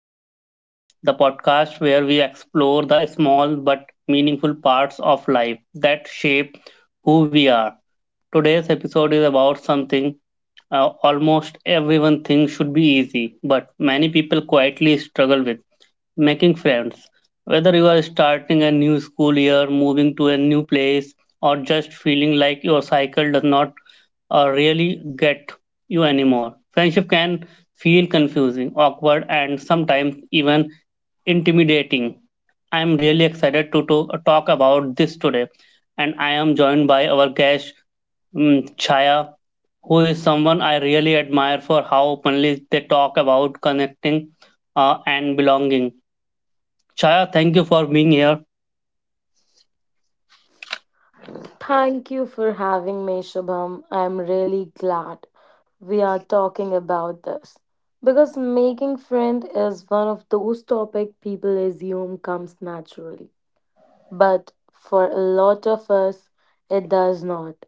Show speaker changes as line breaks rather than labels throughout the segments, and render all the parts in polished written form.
Shwam Talk, the podcast where we explore the small but meaningful parts of life that shape who we are. Today's episode is about something almost everyone thinks should be easy, but many people quietly struggle with making friends. Whether you are starting a new school year, moving to a new place, or just feeling like your cycle does not really get you anymore, friendship can feel confusing, awkward, and sometimes even intimidating. I am really excited to talk about this today, and I am joined by our guest um, Chaya, who is someone I really admire for how openly they talk about connecting and belonging. Chaya, thank you for being here.
Thank you for having me, Shubham. I'm really glad we are talking about this because making friend is one of those topic people assume comes naturally, but for a lot of us, it does not.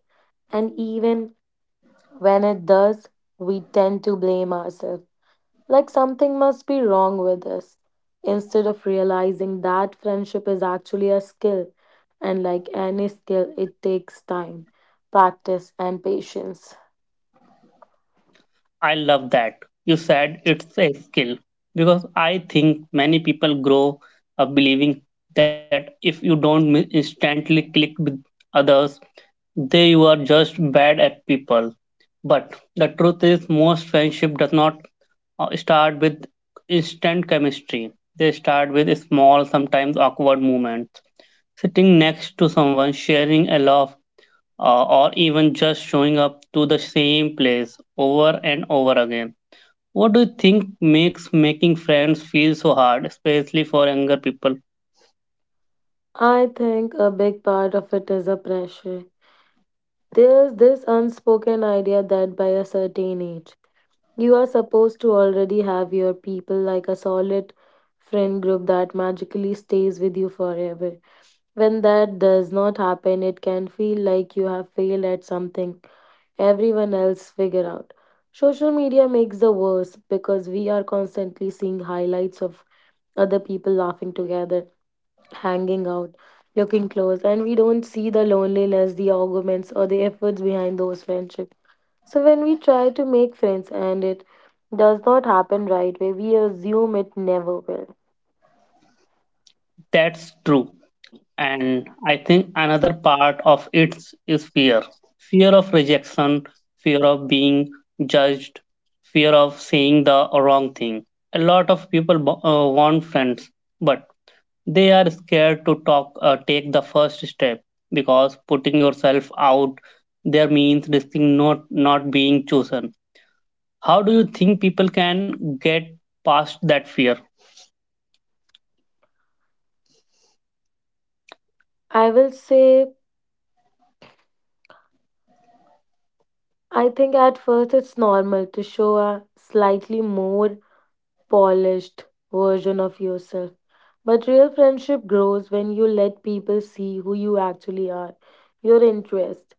And even when it does, we tend to blame ourselves like something must be wrong with us. Instead of realizing that friendship is actually a skill, and like any skill, it takes time, practice, and patience.
I love that. You said it's a skill because I think many people grow up believing that if you don't mi- instantly click with others, they you are just bad at people. But the truth is, most friendship does not start with instant chemistry. They start with small, sometimes awkward moments. Sitting next to someone, sharing a laugh, or even just showing up to the same place over and over again. What do you think makes making friends feel so hard, especially for younger people?
I think a big part of it is a pressure. There's this unspoken idea that by a certain age, you are supposed to already have your people like a solid friend group that magically stays with you forever. When that does not happen, it can feel like you have failed at something everyone else figure out. Social media makes the worse because we are constantly seeing highlights of other people laughing together, hanging out, looking close, and we don't see the loneliness, the arguments, or the efforts behind those friendships. So when we try to make friends and it does not happen right way, we assume it never will.
That's true. And I think another part of it is fear, fear of rejection, fear of being judged, fear of saying the wrong thing. A lot of people want friends, but they are scared to talk, take the first step because putting yourself out there means risking not being chosen. How do you think people can get past that fear?
I will say I think at first it's normal to show a slightly more polished version of yourself. But real friendship grows when you let people see who you actually are, your interests,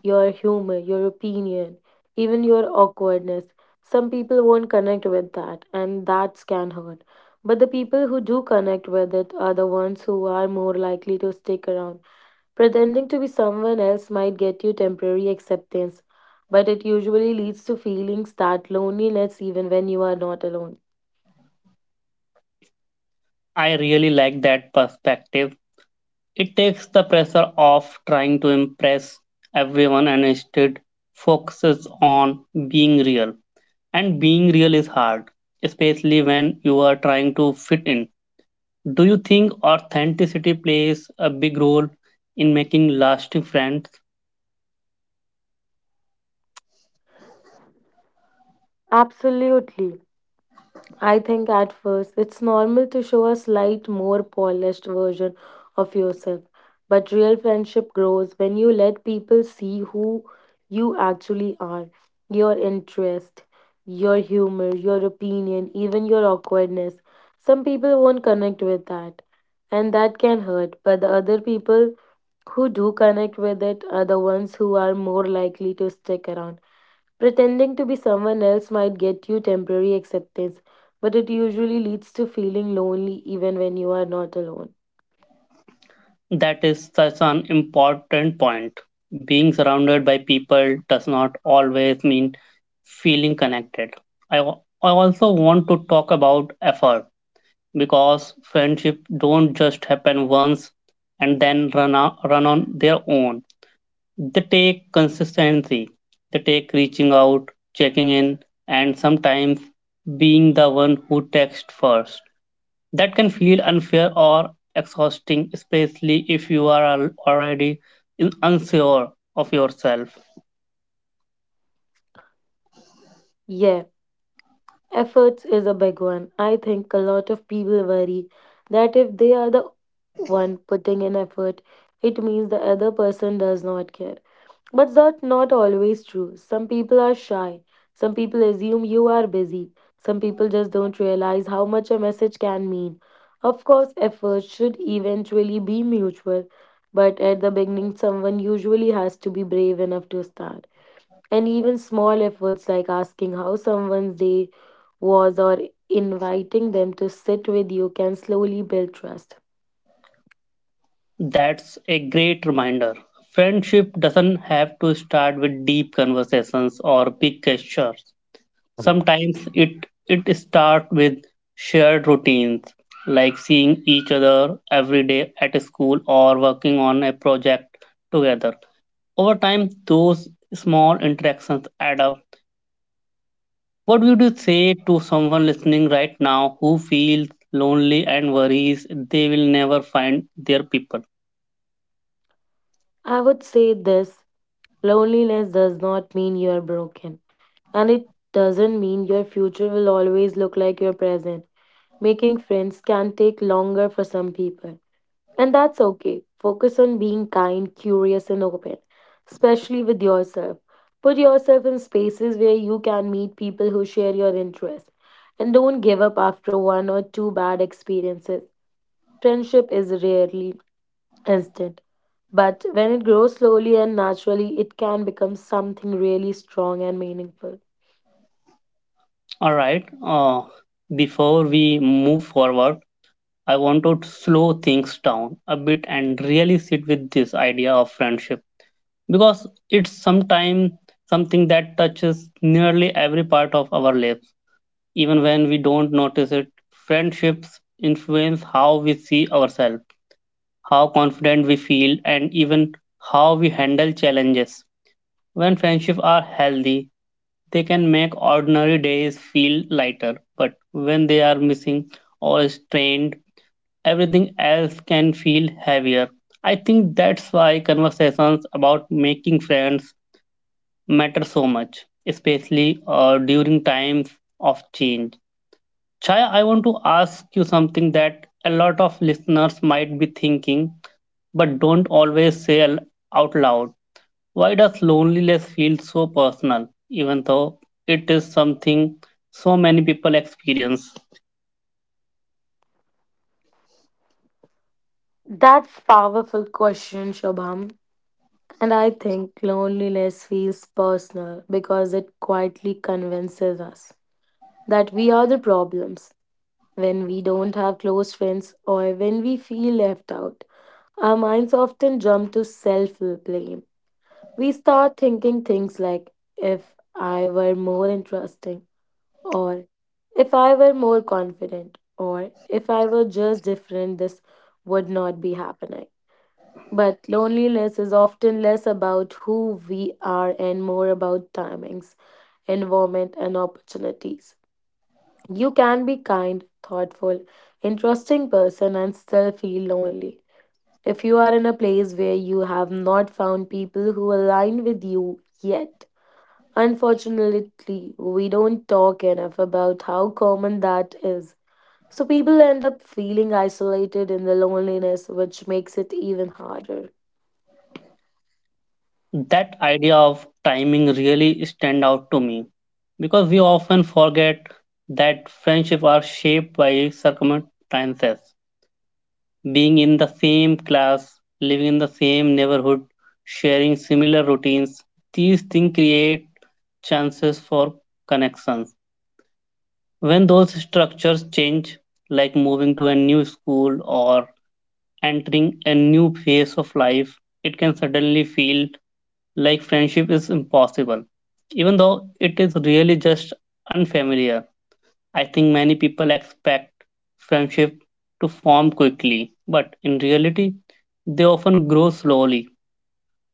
your humor, your opinion, even your awkwardness. Some people won't connect with that, and that can hurt. But the people who do connect with it are the ones who are more likely to stick around. Pretending to be someone else might get you temporary acceptance, but it usually leads to feelings that loneliness even when you are not alone.
I really like that perspective. It takes the pressure off trying to impress everyone and instead focuses on being real. And being real is hard, especially when you are trying to fit in. Do you think authenticity plays a big role in making lasting friends?
Absolutely. I think at first it's normal to show a slight more polished version of yourself, but real friendship grows when you let people see who you actually are, your interest, your humor, your opinion, even your awkwardness. Some people won't connect with that, and that can hurt, but the other people who do connect with it are the ones who are more likely to stick around. Pretending to be someone else might get you temporary acceptance, but it usually leads to feeling lonely even when you are not alone.
That is such an important point. Being surrounded by people does not always mean feeling connected. I also want to talk about effort because friendship don't just happen once and then run on their own. They take consistency, they take reaching out, checking in, and sometimes being the one who texts first. That can feel unfair or exhausting, especially if you are already unsure of yourself.
Yeah, efforts is a big one. I think a lot of people worry that if they are the one putting in effort, it means the other person does not care. But that's not always true. Some people are shy. Some people assume you are busy. Some people just don't realize how much a message can mean. Of course, efforts should eventually be mutual, but at the beginning, someone usually has to be brave enough to start. And even small efforts like asking how someone's day was or inviting them to sit with you can slowly build trust.
That's a great reminder. Friendship doesn't have to start with deep conversations or big gestures. Sometimes it starts with shared routines, like seeing each other every day at school or working on a project together. Over time, those small interactions add up. What would you say to someone listening right now who feels lonely and worries they will never find their people?
I would say this loneliness does not mean you are broken. And it doesn't mean your future will always look like your present. Making friends can take longer for some people. And that's okay. Focus on being kind, curious, and open, especially with yourself. Put yourself in spaces where you can meet people who share your interests. And don't give up after one or two bad experiences. Friendship is rarely instant. But when it grows slowly and naturally, it can become something really strong and meaningful.
All right. Before we move forward, I want to slow things down a bit and really sit with this idea of friendship because it's sometimes something that touches nearly every part of our lives, even when we don't notice it. Friendships influence how we see ourselves, how confident we feel, and even how we handle challenges. When friendships are healthy, they can make ordinary days feel lighter, but when they are missing or strained, everything else can feel heavier. I think that's why conversations about making friends matter so much, especially during times of change. Chaya, I want to ask you something that a lot of listeners might be thinking but don't always say out loud. Why does loneliness feel so personal, even though it is something so many people experience?
That's powerful question, Shobham. And I think loneliness feels personal because it quietly convinces us that we are the problems. When we don't have close friends or when we feel left out, our minds often jump to self blame. We start thinking things like, if I were more interesting, or if I were more confident, or if I were just different, this would not be happening. But loneliness is often less about who we are and more about timings, environment, and opportunities. You can be kind, thoughtful, interesting person and still feel lonely. If you are in a place where you have not found people who align with you yet, unfortunately, we don't talk enough about how common that is. So people end up feeling isolated in the loneliness, which makes it even harder.
That idea of timing really stand out to me because we often forget that friendships are shaped by circumstances. Being in the same class, living in the same neighborhood, sharing similar routines, these things create chances for connections. When those structures change, like moving to a new school or entering a new phase of life, it can suddenly feel like friendship is impossible, even though it is really just unfamiliar. I think many people expect friendship to form quickly, but in reality, they often grow slowly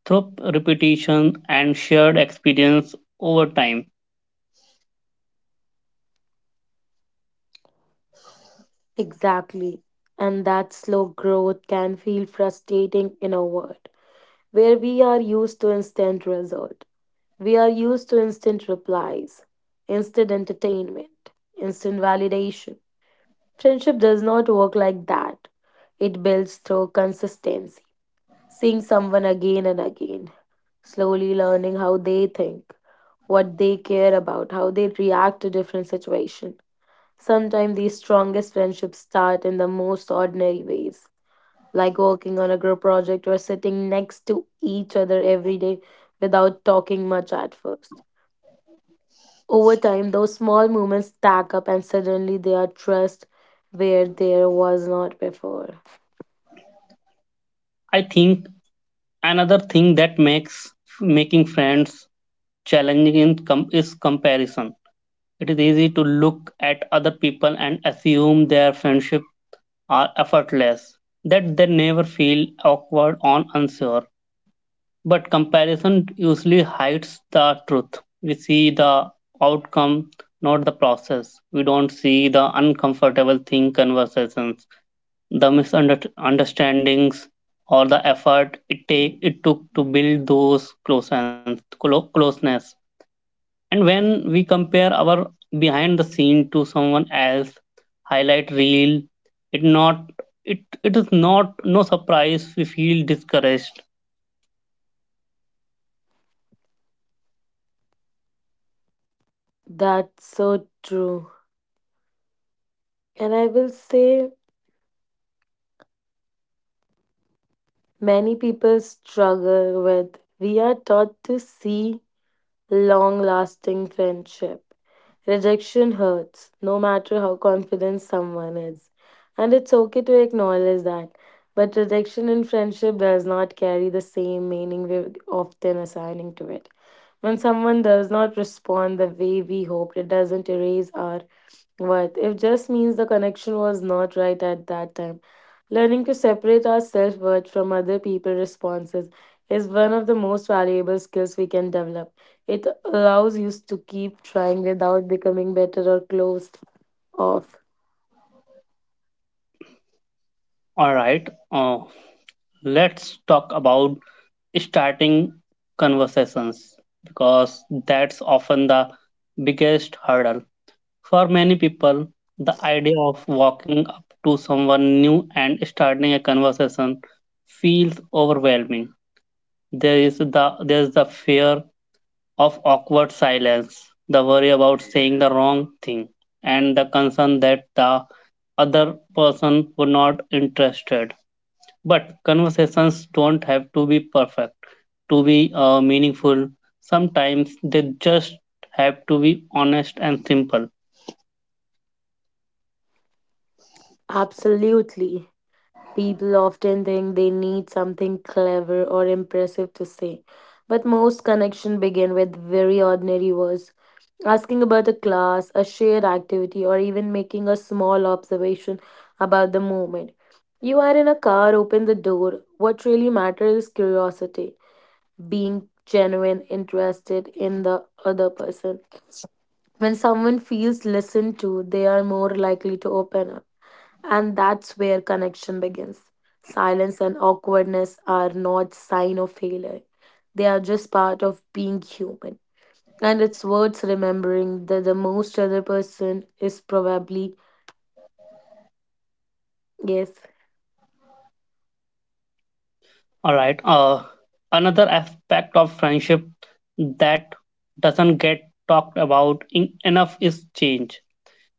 through repetition and shared experience over time.
Exactly. And that slow growth can feel frustrating in a world where we are used to instant result. We are used to instant replies, instant entertainment, instant validation. Friendship does not work like that. It builds through consistency, seeing someone again and again, slowly learning how they think, what they care about, how they react to different situations. Sometimes the strongest friendships start in the most ordinary ways like working on a group project or sitting next to each other every day without talking much at first. Over time, those small moments stack up and suddenly they are trust where there was not before.
I think another thing that makes making friends is comparison. It is easy to look at other people and assume their friendship are effortless, that they never feel awkward or unsure. But comparison usually hides the truth. We see the outcome, not the process. We don't see the uncomfortable thing conversations, the misunderstandings, or the effort it took to build those closeness. And when we compare our behind the scene to someone else highlight reel, it not it is not no surprise we feel discouraged.
That's so true. And I will say many people struggle with we are taught to see long lasting friendship. Rejection hurts, no matter how confident someone is. And it's okay to acknowledge that. But rejection in friendship does not carry the same meaning we often assigning to it. When someone does not respond the way we hoped, it doesn't erase our but it just means the connection was not right at that time. Learning to separate our self worth from other people's responses is one of the most valuable skills we can develop. It allows you to keep trying without becoming better or closed off.
All right, let's talk about starting conversations because that's often the biggest hurdle. For many people, the idea of walking up to someone new and starting a conversation feels overwhelming. There's the fear of awkward silence, the worry about saying the wrong thing, and the concern that the other person would not interested. But conversations don't have to be perfect to be meaningful. Sometimes they just have to be honest and simple.
Absolutely. People often think they need something clever or impressive to say, but most connections begin with very ordinary words. Asking about a class, a shared activity, or even making a small observation about the moment. You are in a car, open the door. What really matters is curiosity, being genuine, interested in the other person. When someone feels listened to, they are more likely to open up. And that's where connection begins. Silence and awkwardness are not sign of failure. They are just part of being human. And it's worth remembering that the most other person is probably, yes,
All right. Another aspect of friendship that doesn't get talked about in enough is change.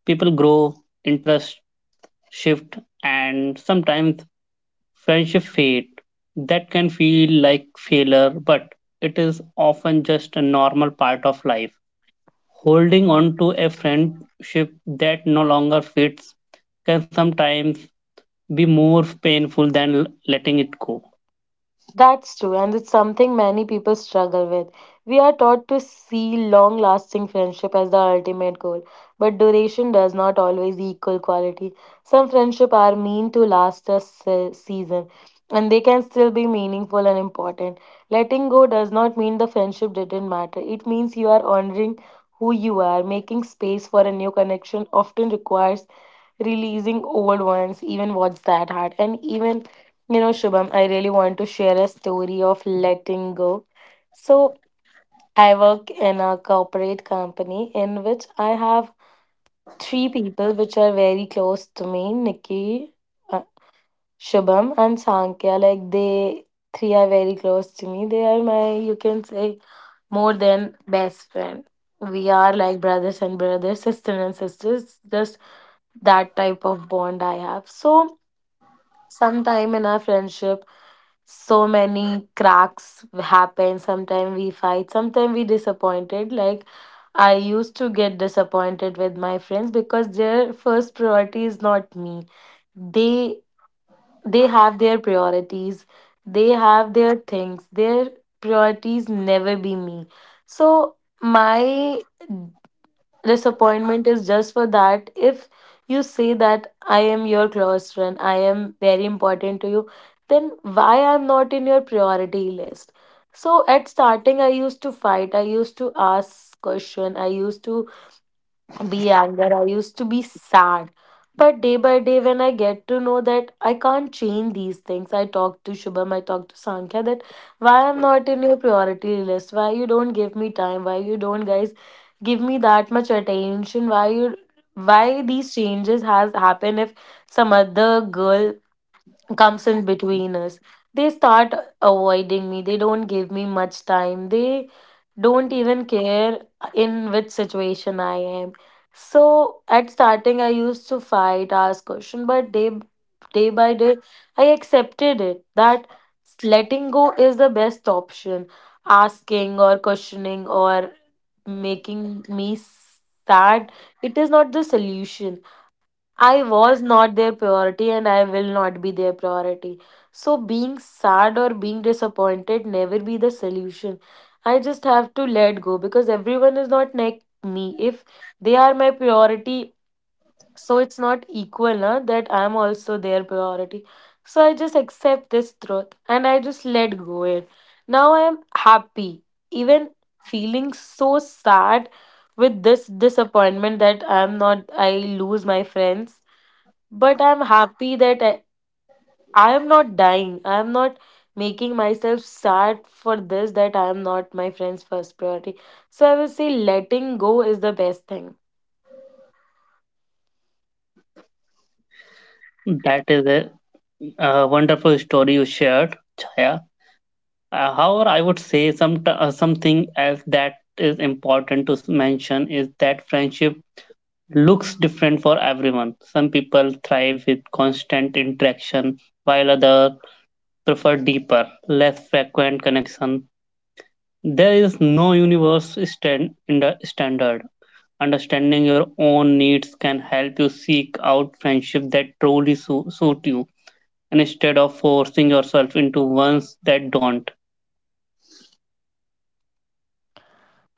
People grow, interests shift, and sometimes friendship fade. That can feel like failure, but it is often just a normal part of life. Holding on to a friendship that no longer fits can sometimes be more painful than letting it go.
that's true, and it's something many people struggle with. We are taught to see long lasting friendship as the ultimate goal, but duration does not always equal quality. Some friendships are meant to last a season, and they can still be meaningful and important. Letting go does not mean the friendship didn't matter, it means you are honoring who you are. Making space for a new connection often requires releasing old ones, even what's that hard, and even you know, Shubham, I really want to share a story of letting go. So, I work in a corporate company in which I have three people which are very close to me: Nikki, uh, Shubham, and Sankhya. Like, they three are very close to me. They are my, you can say, more than best friend. We are like brothers and brothers, sister and sisters, just that type of bond I have. So, sometime in our friendship so many cracks happen, sometimes we fight, sometimes we disappointed. Like, I used to get disappointed with my friends because their first priority is not me. They they have their priorities, they have their things, their priorities never be me. So my disappointment is just for that. If you say that I am your close friend, I am very important to you, then why I'm not in your priority list? So at starting, I used to fight, I used to ask question, I used to be anger. I used to be sad. But day by day, when I get to know that I can't change these things, I talk to Shubham, I talk to Sankhya that why I'm not in your priority list, why you don't give me time, why you don't guys give me that much attention, why you why these changes has happened if some other girl comes in between us. They start avoiding me, they don't give me much time. They don't even care in which situation I am. So at starting, I used to fight, ask question, but day by day, I accepted it that letting go is the best option. Asking or questioning or making me sad, it is not the solution. I was not their priority and I will not be their priority. So, being sad or being disappointed never be the solution. I just have to let go because everyone is not like me. If they are my priority, so it's not equal na, that I'm also their priority. So I just accept this truth and I just let go it. Now I am happy. Even feeling so sad with this disappointment that I'm not, I lose my friends, but I'm happy that I am not dying, I am not making myself sad for this that I am not my friend's first priority. So I will say letting go is the best thing.
That is a A wonderful story you shared, Chaya. However, I would say something else that is important to mention is that friendship looks different for everyone. Some people thrive with constant interaction, while others prefer deeper, less frequent connection. There is no universe stand- in the standard. Understanding your own needs can help you seek out friendship that truly suit you instead of forcing yourself into ones that don't.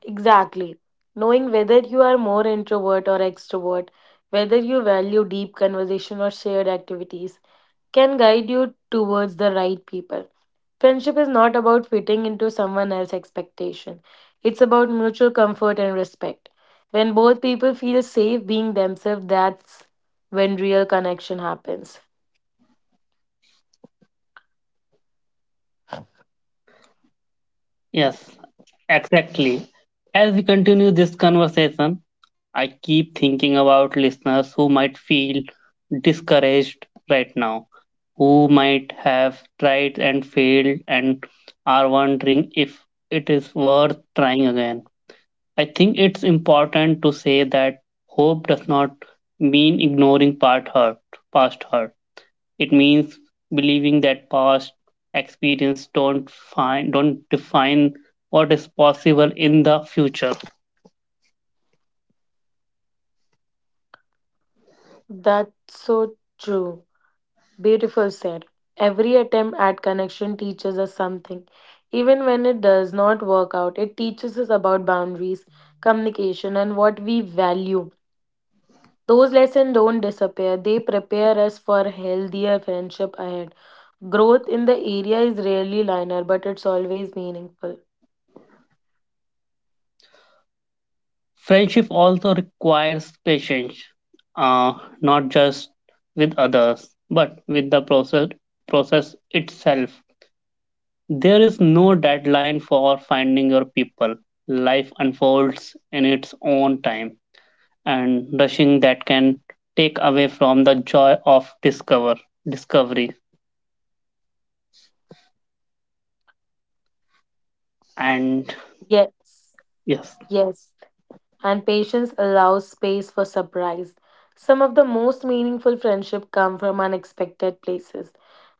Exactly. Knowing whether you are more introvert or extrovert, whether you value deep conversation or shared activities, can guide you towards the right people. Friendship is not about fitting into someone else's expectation. It's about mutual comfort and respect. When both people feel safe being themselves, that's when real connection happens.
Yes, exactly. As we continue this conversation, I keep thinking about listeners who might feel discouraged right now, who might have tried and failed and are wondering if it is worth trying again. I think it's important to say that hope does not mean past hurt. It means believing that past experience don't define what is possible in the future.
That's so true. Beautiful said. Every attempt at connection teaches us something. Even when it does not work out, it teaches us about boundaries, communication, and what we value. Those lessons don't disappear, they prepare us for healthier friendship ahead. Growth in the area is rarely linear, but it's always meaningful.
Friendship also requires patience, uh, not just with others, but with the process itself. There is no deadline for finding your people. Life unfolds in its own time, and rushing that can take away from the joy of discovery. And
Yes,
yes.
yes. And patience allows space for surprise. Some of the most meaningful friendship come from unexpected places,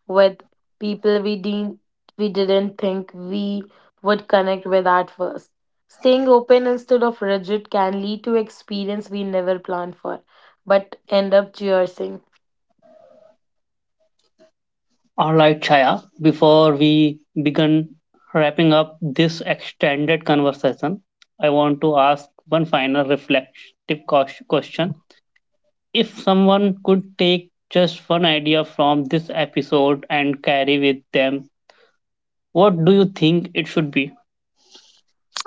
with people we didn't think we would connect with at first. Staying open instead of rigid can lead to experience we never planned for, but end up cherishing.
All right, Chaya. Before we begin wrapping up this extended conversation, I want to ask one final reflective question. If someone could take just one idea from this episode and carry with them, what do you think it should be?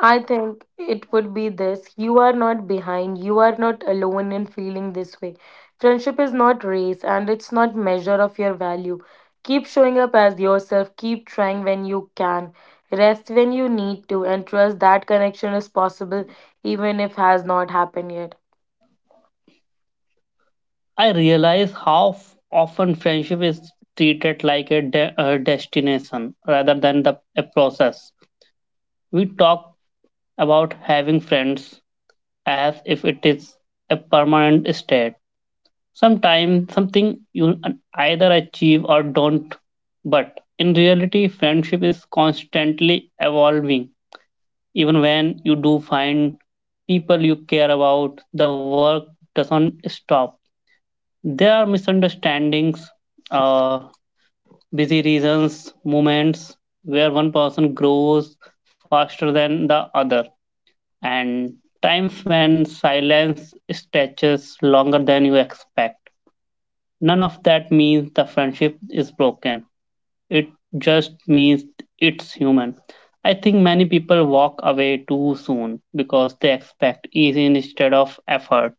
I think it would be this. You are not behind. You are not alone in feeling this way. Friendship is not race and it's not measure of your value. Keep showing up as yourself. Keep trying when you can. Rest when you need to and trust that connection is possible even if has not happened yet.
I realize how often friendship is treated like a destination rather than a process. We talk about having friends as if it is a permanent state. Sometimes something you either achieve or don't, but in reality, friendship is constantly evolving. Even when you do find people you care about, the work doesn't stop. There are misunderstandings, uh, busy reasons, moments where one person grows faster than the other, and times when silence stretches longer than you expect. None of that means the friendship is broken. It just means it's human. I think many people walk away too soon because they expect easy instead of effort.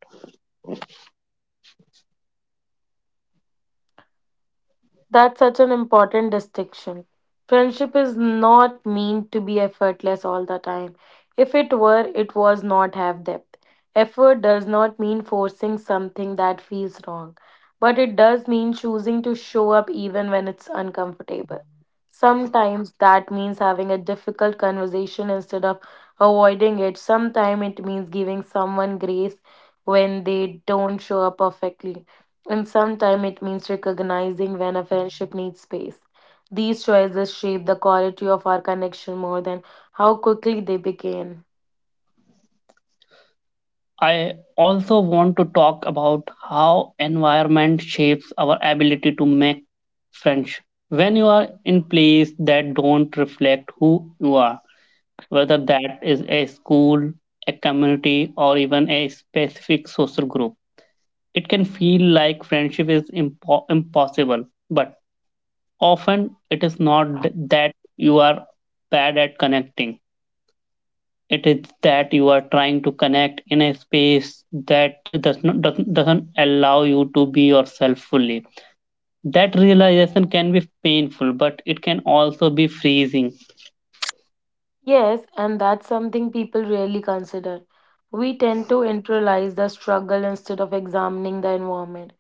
That's such an important distinction. Friendship is not meant to be effortless all the time. If it were, it was not have depth. Effort does not mean forcing something that feels wrong, but it does mean choosing to show up even when it's uncomfortable. Sometimes that means having a difficult conversation instead of avoiding it. Sometimes it means giving someone grace when they don't show up perfectly. And sometimes it means recognizing when a friendship needs space. These choices shape the quality of our connection more than how quickly they begin.
I also want to talk about how environment shapes our ability to make friends. When you are in places that don't reflect who you are, whether that is a school, a community, or even a specific social group. It can feel like friendship is impossible, but often it is not that you are bad at connecting. It is that you are trying to connect in a space that doesn't allow you to be yourself fully. That realization can be painful, but it can also be freezing.
Yes, and that's something people rarely consider. We tend to internalize the struggle instead of examining the environment.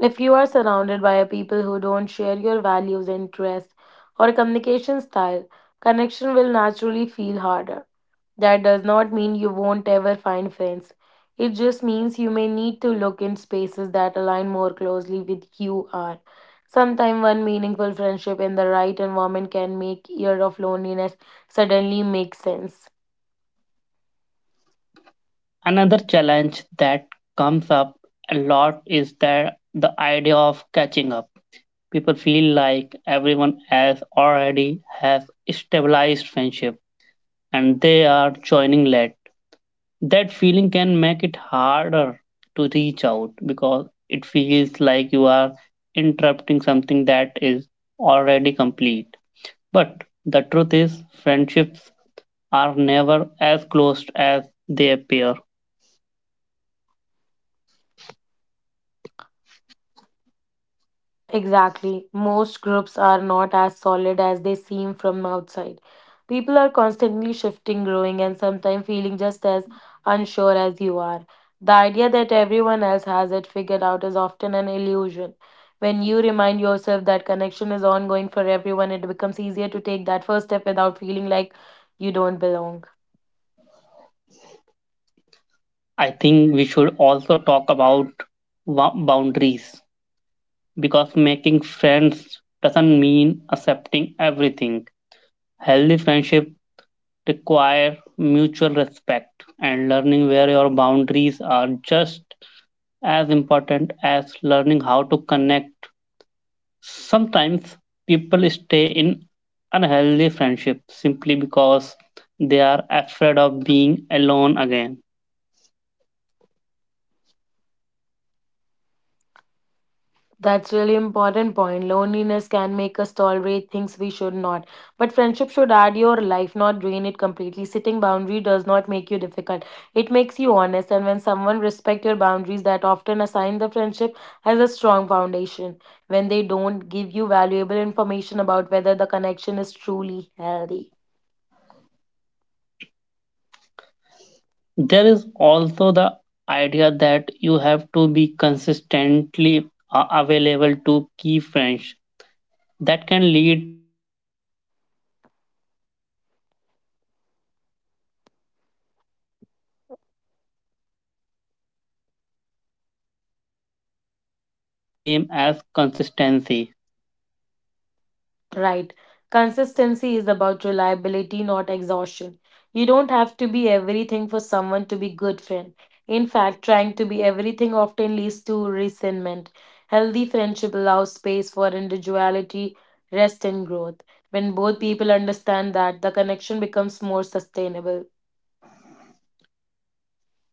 If you are surrounded by people who don't share your values, interests, or communication style, connection will naturally feel harder. That does not mean you won't ever find friends. It just means you may need to look in spaces that align more closely with you are. Sometimes one meaningful friendship in the right environment can make year of loneliness suddenly make sense.
Another challenge that comes up a lot is that the idea of catching up. People feel like everyone else already has stabilized friendship and they are joining late. That feeling can make it harder to reach out because it feels like you are interrupting something that is already complete. But the truth is, friendships are never as close as they appear.
Exactly. Most groups are not as solid as they seem from outside. People are constantly shifting, growing, and sometimes feeling just as unsure as you are. The idea that everyone else has it figured out is often an illusion. When you remind yourself that connection is ongoing for everyone, it becomes easier to take that first step without feeling like you don't belong.
I think we should also talk about boundaries because making friends doesn't mean accepting everything. Healthy friendship require mutual respect and learning where your boundaries are just as important as learning how to connect. Sometimes people stay in unhealthy friendships simply because they are afraid of being alone again.
That's really important point. Loneliness can make us tolerate things we should not. But friendship should add your life, not drain it completely. Setting boundary does not make you difficult. It makes you honest, and when someone respect your boundaries, that often assign the friendship has a strong foundation. When they don't, give you valuable information about whether the connection is truly healthy.
There is also the idea that you have to be consistently available to key friends. That can lead to burnout, especially for people who already feel insecure about their place in someone's life. But constant availability is not the same as consistency.
Right. Consistency is about reliability, not exhaustion. You don't have to be everything for someone to be good friend. In fact, trying to be everything often leads to resentment. Healthy friendship allows space for individuality, rest and growth. When both people understand that, the connection becomes more sustainable.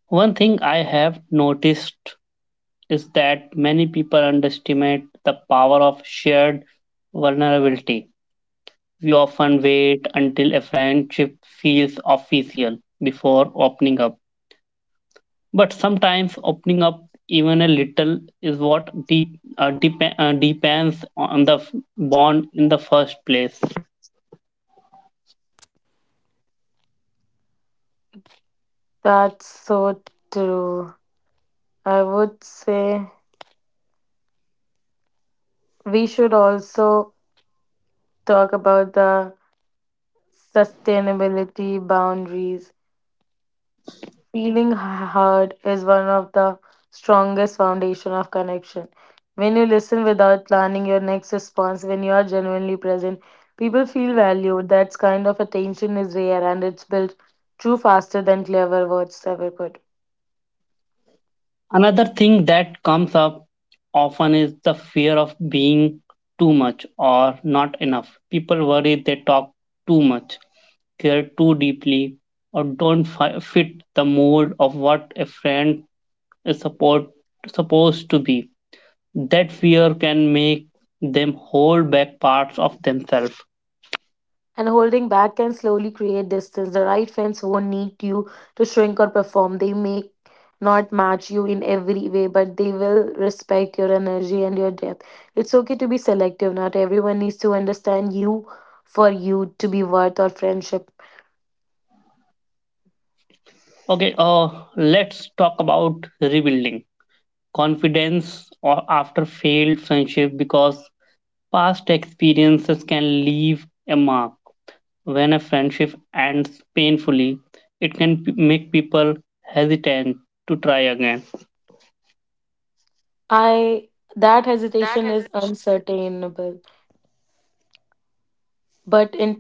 One thing I have noticed is that many people underestimate the power of shared vulnerability. We often wait until a friendship feels official before opening up. But sometimes opening up even a little is what depends on the bond in the first place.
That's so true. I would say we should also talk about the sustainability boundaries. Feeling heard is one of the strongest foundation of connection. When you listen without planning your next response, when you are genuinely present, people feel valued. That kind of attention is rare and it's built true faster than clever words ever could.
Another thing that comes up often is the fear of being too much or not enough. People worry they talk too much, care too deeply, or don't fit the mold of what a friend is support, supposed to be. That fear can make them hold back parts of themselves.
And holding back can slowly create distance. The right friends won't need you to shrink or perform. They may not match you in every way, but they will respect your energy and your depth. It's okay to be selective. Not everyone needs to understand you for you to be worth our friendship.
Okay, let's talk about rebuilding confidence or after failed friendship because past experiences can leave a mark. When a friendship ends painfully, it can make people hesitant to try again.
I that hesitation is uncertainable, but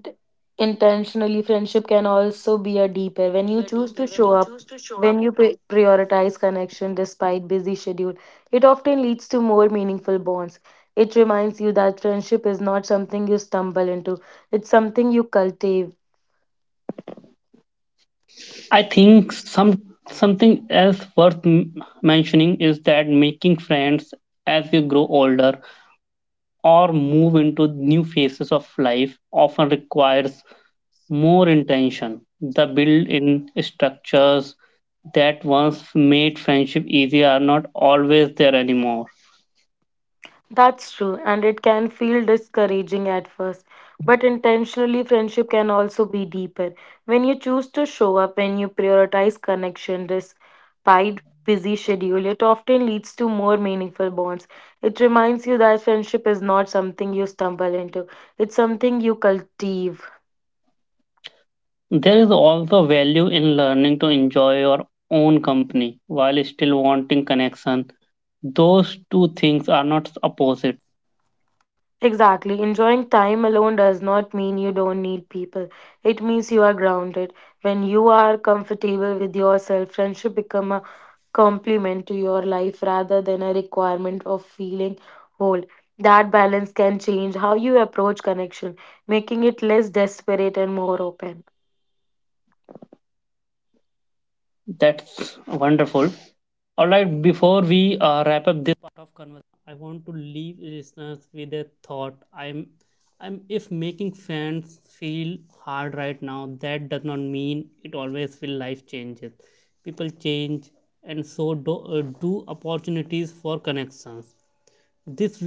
intentionally friendship can also be a deeper when you choose to show up, when you prioritize connection despite busy schedule. It often leads to more meaningful bonds. It reminds you that friendship is not something you stumble into; it's something you cultivate.
I think something else worth mentioning is that making friends as you grow older or move into new phases of life often requires more intention. The built-in structures that once made friendship easy are not always there anymore.
That's true, and it can feel discouraging at first. But intentionally, friendship can also be deeper. When you choose to show up, when you prioritize connection despite busy schedule, it often leads to more meaningful bonds. It reminds you that friendship is not something you stumble into, it's something you cultivate.
There is also value in learning to enjoy your own company while still wanting connection. Those two things are not opposite.
Exactly. Enjoying time alone does not mean you don't need people. It means you are grounded. When you are comfortable with yourself, friendship become a complement to your life rather than a requirement of feeling whole. That balance can change how you approach connection, making it less desperate and more open.
That's wonderful. All right, before we wrap up.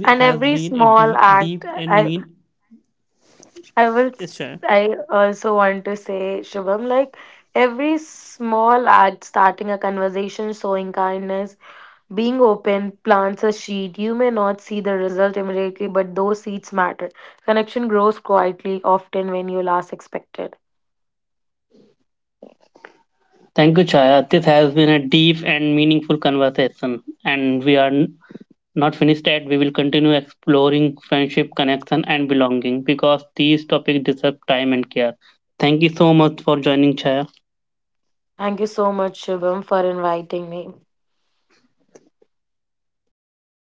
And every small act, I will I also want to say, Shubham, like every small act, starting a conversation, showing kindness. Being open plants a seed. You may not see the result immediately, but those seeds matter. Connection grows quietly, often when you last expected.
Thank you, Chaya. This has been a deep and meaningful conversation, and we are not finished yet. We will continue exploring friendship, connection, and belonging because these topics deserve time and care. Thank you so much for joining, Chaya.
Thank you so much, Shivam, for inviting me.